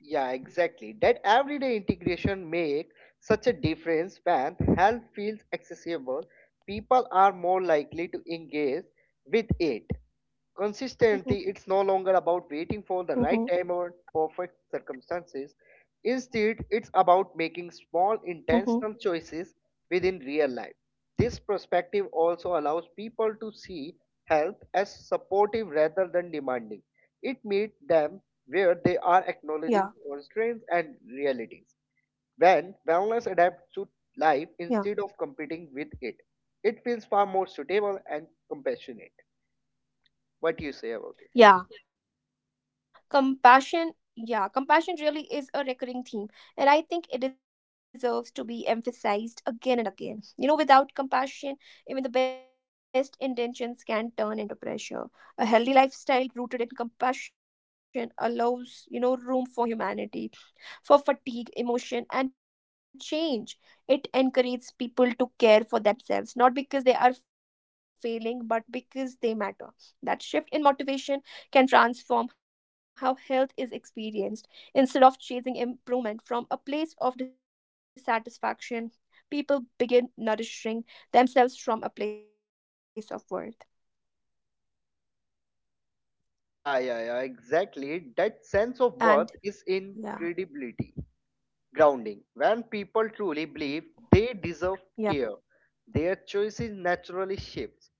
B: Yeah, exactly. That everyday integration make such a difference when health feels accessible, people are more likely to engage with it. Consistently, it's no
A: Mm-hmm.
B: longer about
A: Mm-hmm.
B: waiting for the right time or perfect circumstances. Instead, it's about making small
A: Mm-hmm.
B: intentional choices within real life. This perspective also allows people to see health as supportive rather than demanding. It meets them where they are
A: Yeah.
B: acknowledging constraints and realities. When wellness adapts to
A: Yeah.
B: life instead of competing with it, it feels far more suitable and compassionate. What do you say about it?
A: Yeah, compassion. Yeah, compassion really is a recurring theme, and I think it deserves to be emphasized again and again. You know, without compassion, even the best intentions can turn into pressure. A healthy lifestyle rooted in compassion allows, you know, room for humanity, for fatigue, emotion, and change. It encourages people to care for themselves, not because they are failing, but because they matter. That shift in motivation can transform how health is experienced. Instead of chasing improvement from a place of dissatisfaction, people begin nourishing themselves from a place of worth.
B: Yeah, yeah, yeah, exactly. That
A: And
B: sense of worth is
A: yeah,
B: in credibility. Grounding. When people truly believe they
A: yeah,
B: deserve care, their choices naturally shifts.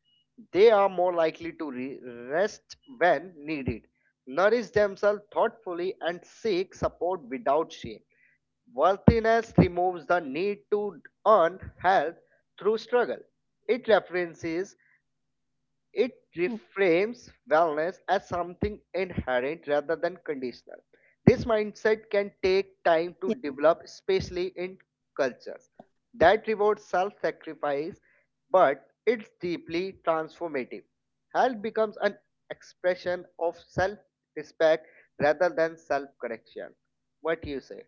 B: They are more likely to rest when needed, nourish themselves thoughtfully, and seek support without shame. Worthiness removes the need to earn health through struggle. It references.
A: mm,
B: It reframes wellness as something inherent rather than conditional. This mindset can take time to develop, especially in cultures that reward self sacrifice, but it's deeply transformative. Health becomes an expression of self respect rather than self correction. What you say?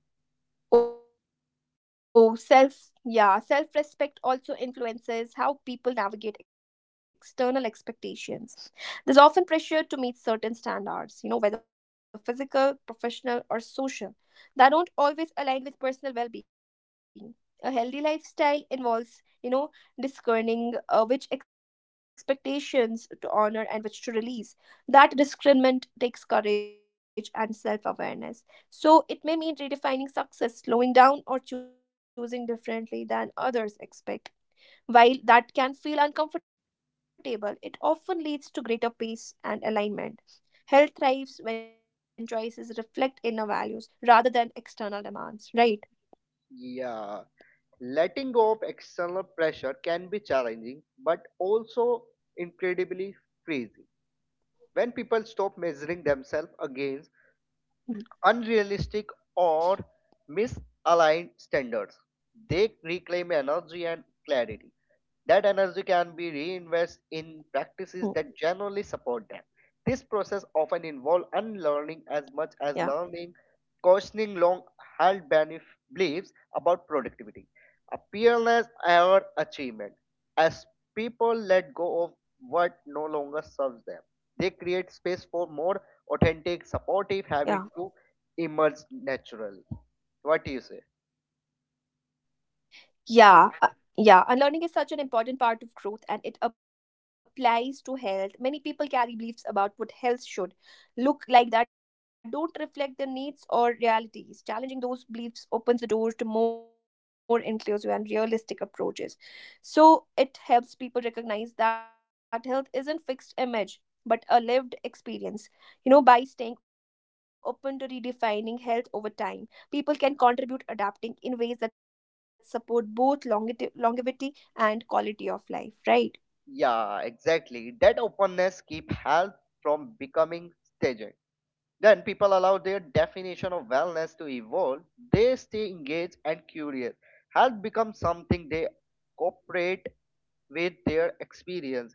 A: oh, yeah, self respect also influences how people navigate external expectations. There's often pressure to meet certain standards, you know, whether physical, professional, or social, that don't always align with personal well being. A healthy lifestyle involves, you know, discerning which expectations to honor and which to release. That discernment takes courage and self awareness, so it may mean redefining success, slowing down, or choosing differently than others expect. While that can feel uncomfortable, it often leads to greater peace and alignment. Health thrives when choices reflect inner values rather than external demands, right?
B: Yeah. Letting go of external pressure can be challenging, but also incredibly freeing. When people stop measuring themselves against
A: Mhm.
B: unrealistic or misaligned standards. They reclaim energy and clarity. That energy can be reinvested
A: Mm.
B: in practices that generally support them. This process often involves unlearning
A: Yeah,
B: as much as learning, questioning long held beliefs about productivity, appearance, or achievement. As people let go of what no longer serves them, they create space for more authentic,
A: yeah.
B: supportive habits to emerge naturally. What do you say?
A: Yeah, uh, yeah. Unlearning is such an important part of growth, and it applies to health. Many people carry beliefs about what health should look like that don't reflect their needs or realities. Challenging those beliefs opens the door to more inclusive and realistic approaches. So it helps people recognize that health isn't fixed image. But a lived experience, you know, by staying open to redefining health over time, people can contribute adapting in ways that support both longevity and quality of life, right?
B: Yeah, exactly. That openness keep health from becoming staged. Then people allow their definition of wellness to evolve. They stay engaged and curious. Health becomes something they cooperate with their experience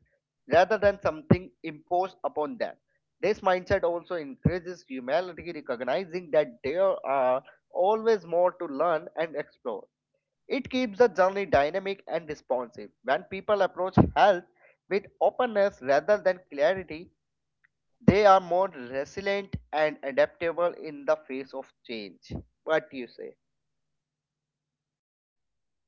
B: rather than something imposed upon them. This mindset also increases humanity, recognizing that there are always more to learn and explore. It keeps the journey dynamic and responsive. When people approach health with openness rather than clarity, they are more resilient and adaptable in the face of change. What do you say?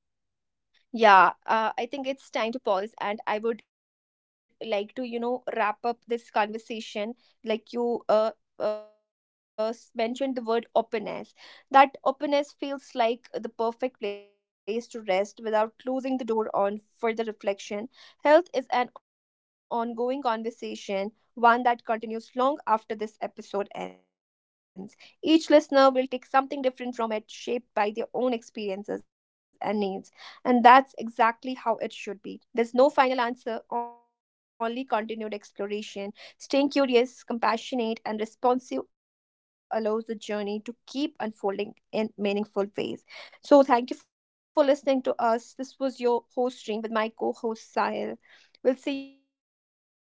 A: Yeah, I think it's time to pause, and I would like to, you know, wrap up this conversation. Like you mentioned the word openness. That openness feels like the perfect place to rest without closing the door on further reflection. Health is an ongoing conversation, one that continues long after this episode ends. Each listener will take something different from it, shaped by their own experiences and needs. And that's exactly how it should be. There's no final answer, only continued exploration. Staying curious, compassionate, and responsive allows the journey to keep unfolding in meaningful ways. So, thank you for listening to us. This was your host stream with my co host Sahil. We'll see you in the next episode.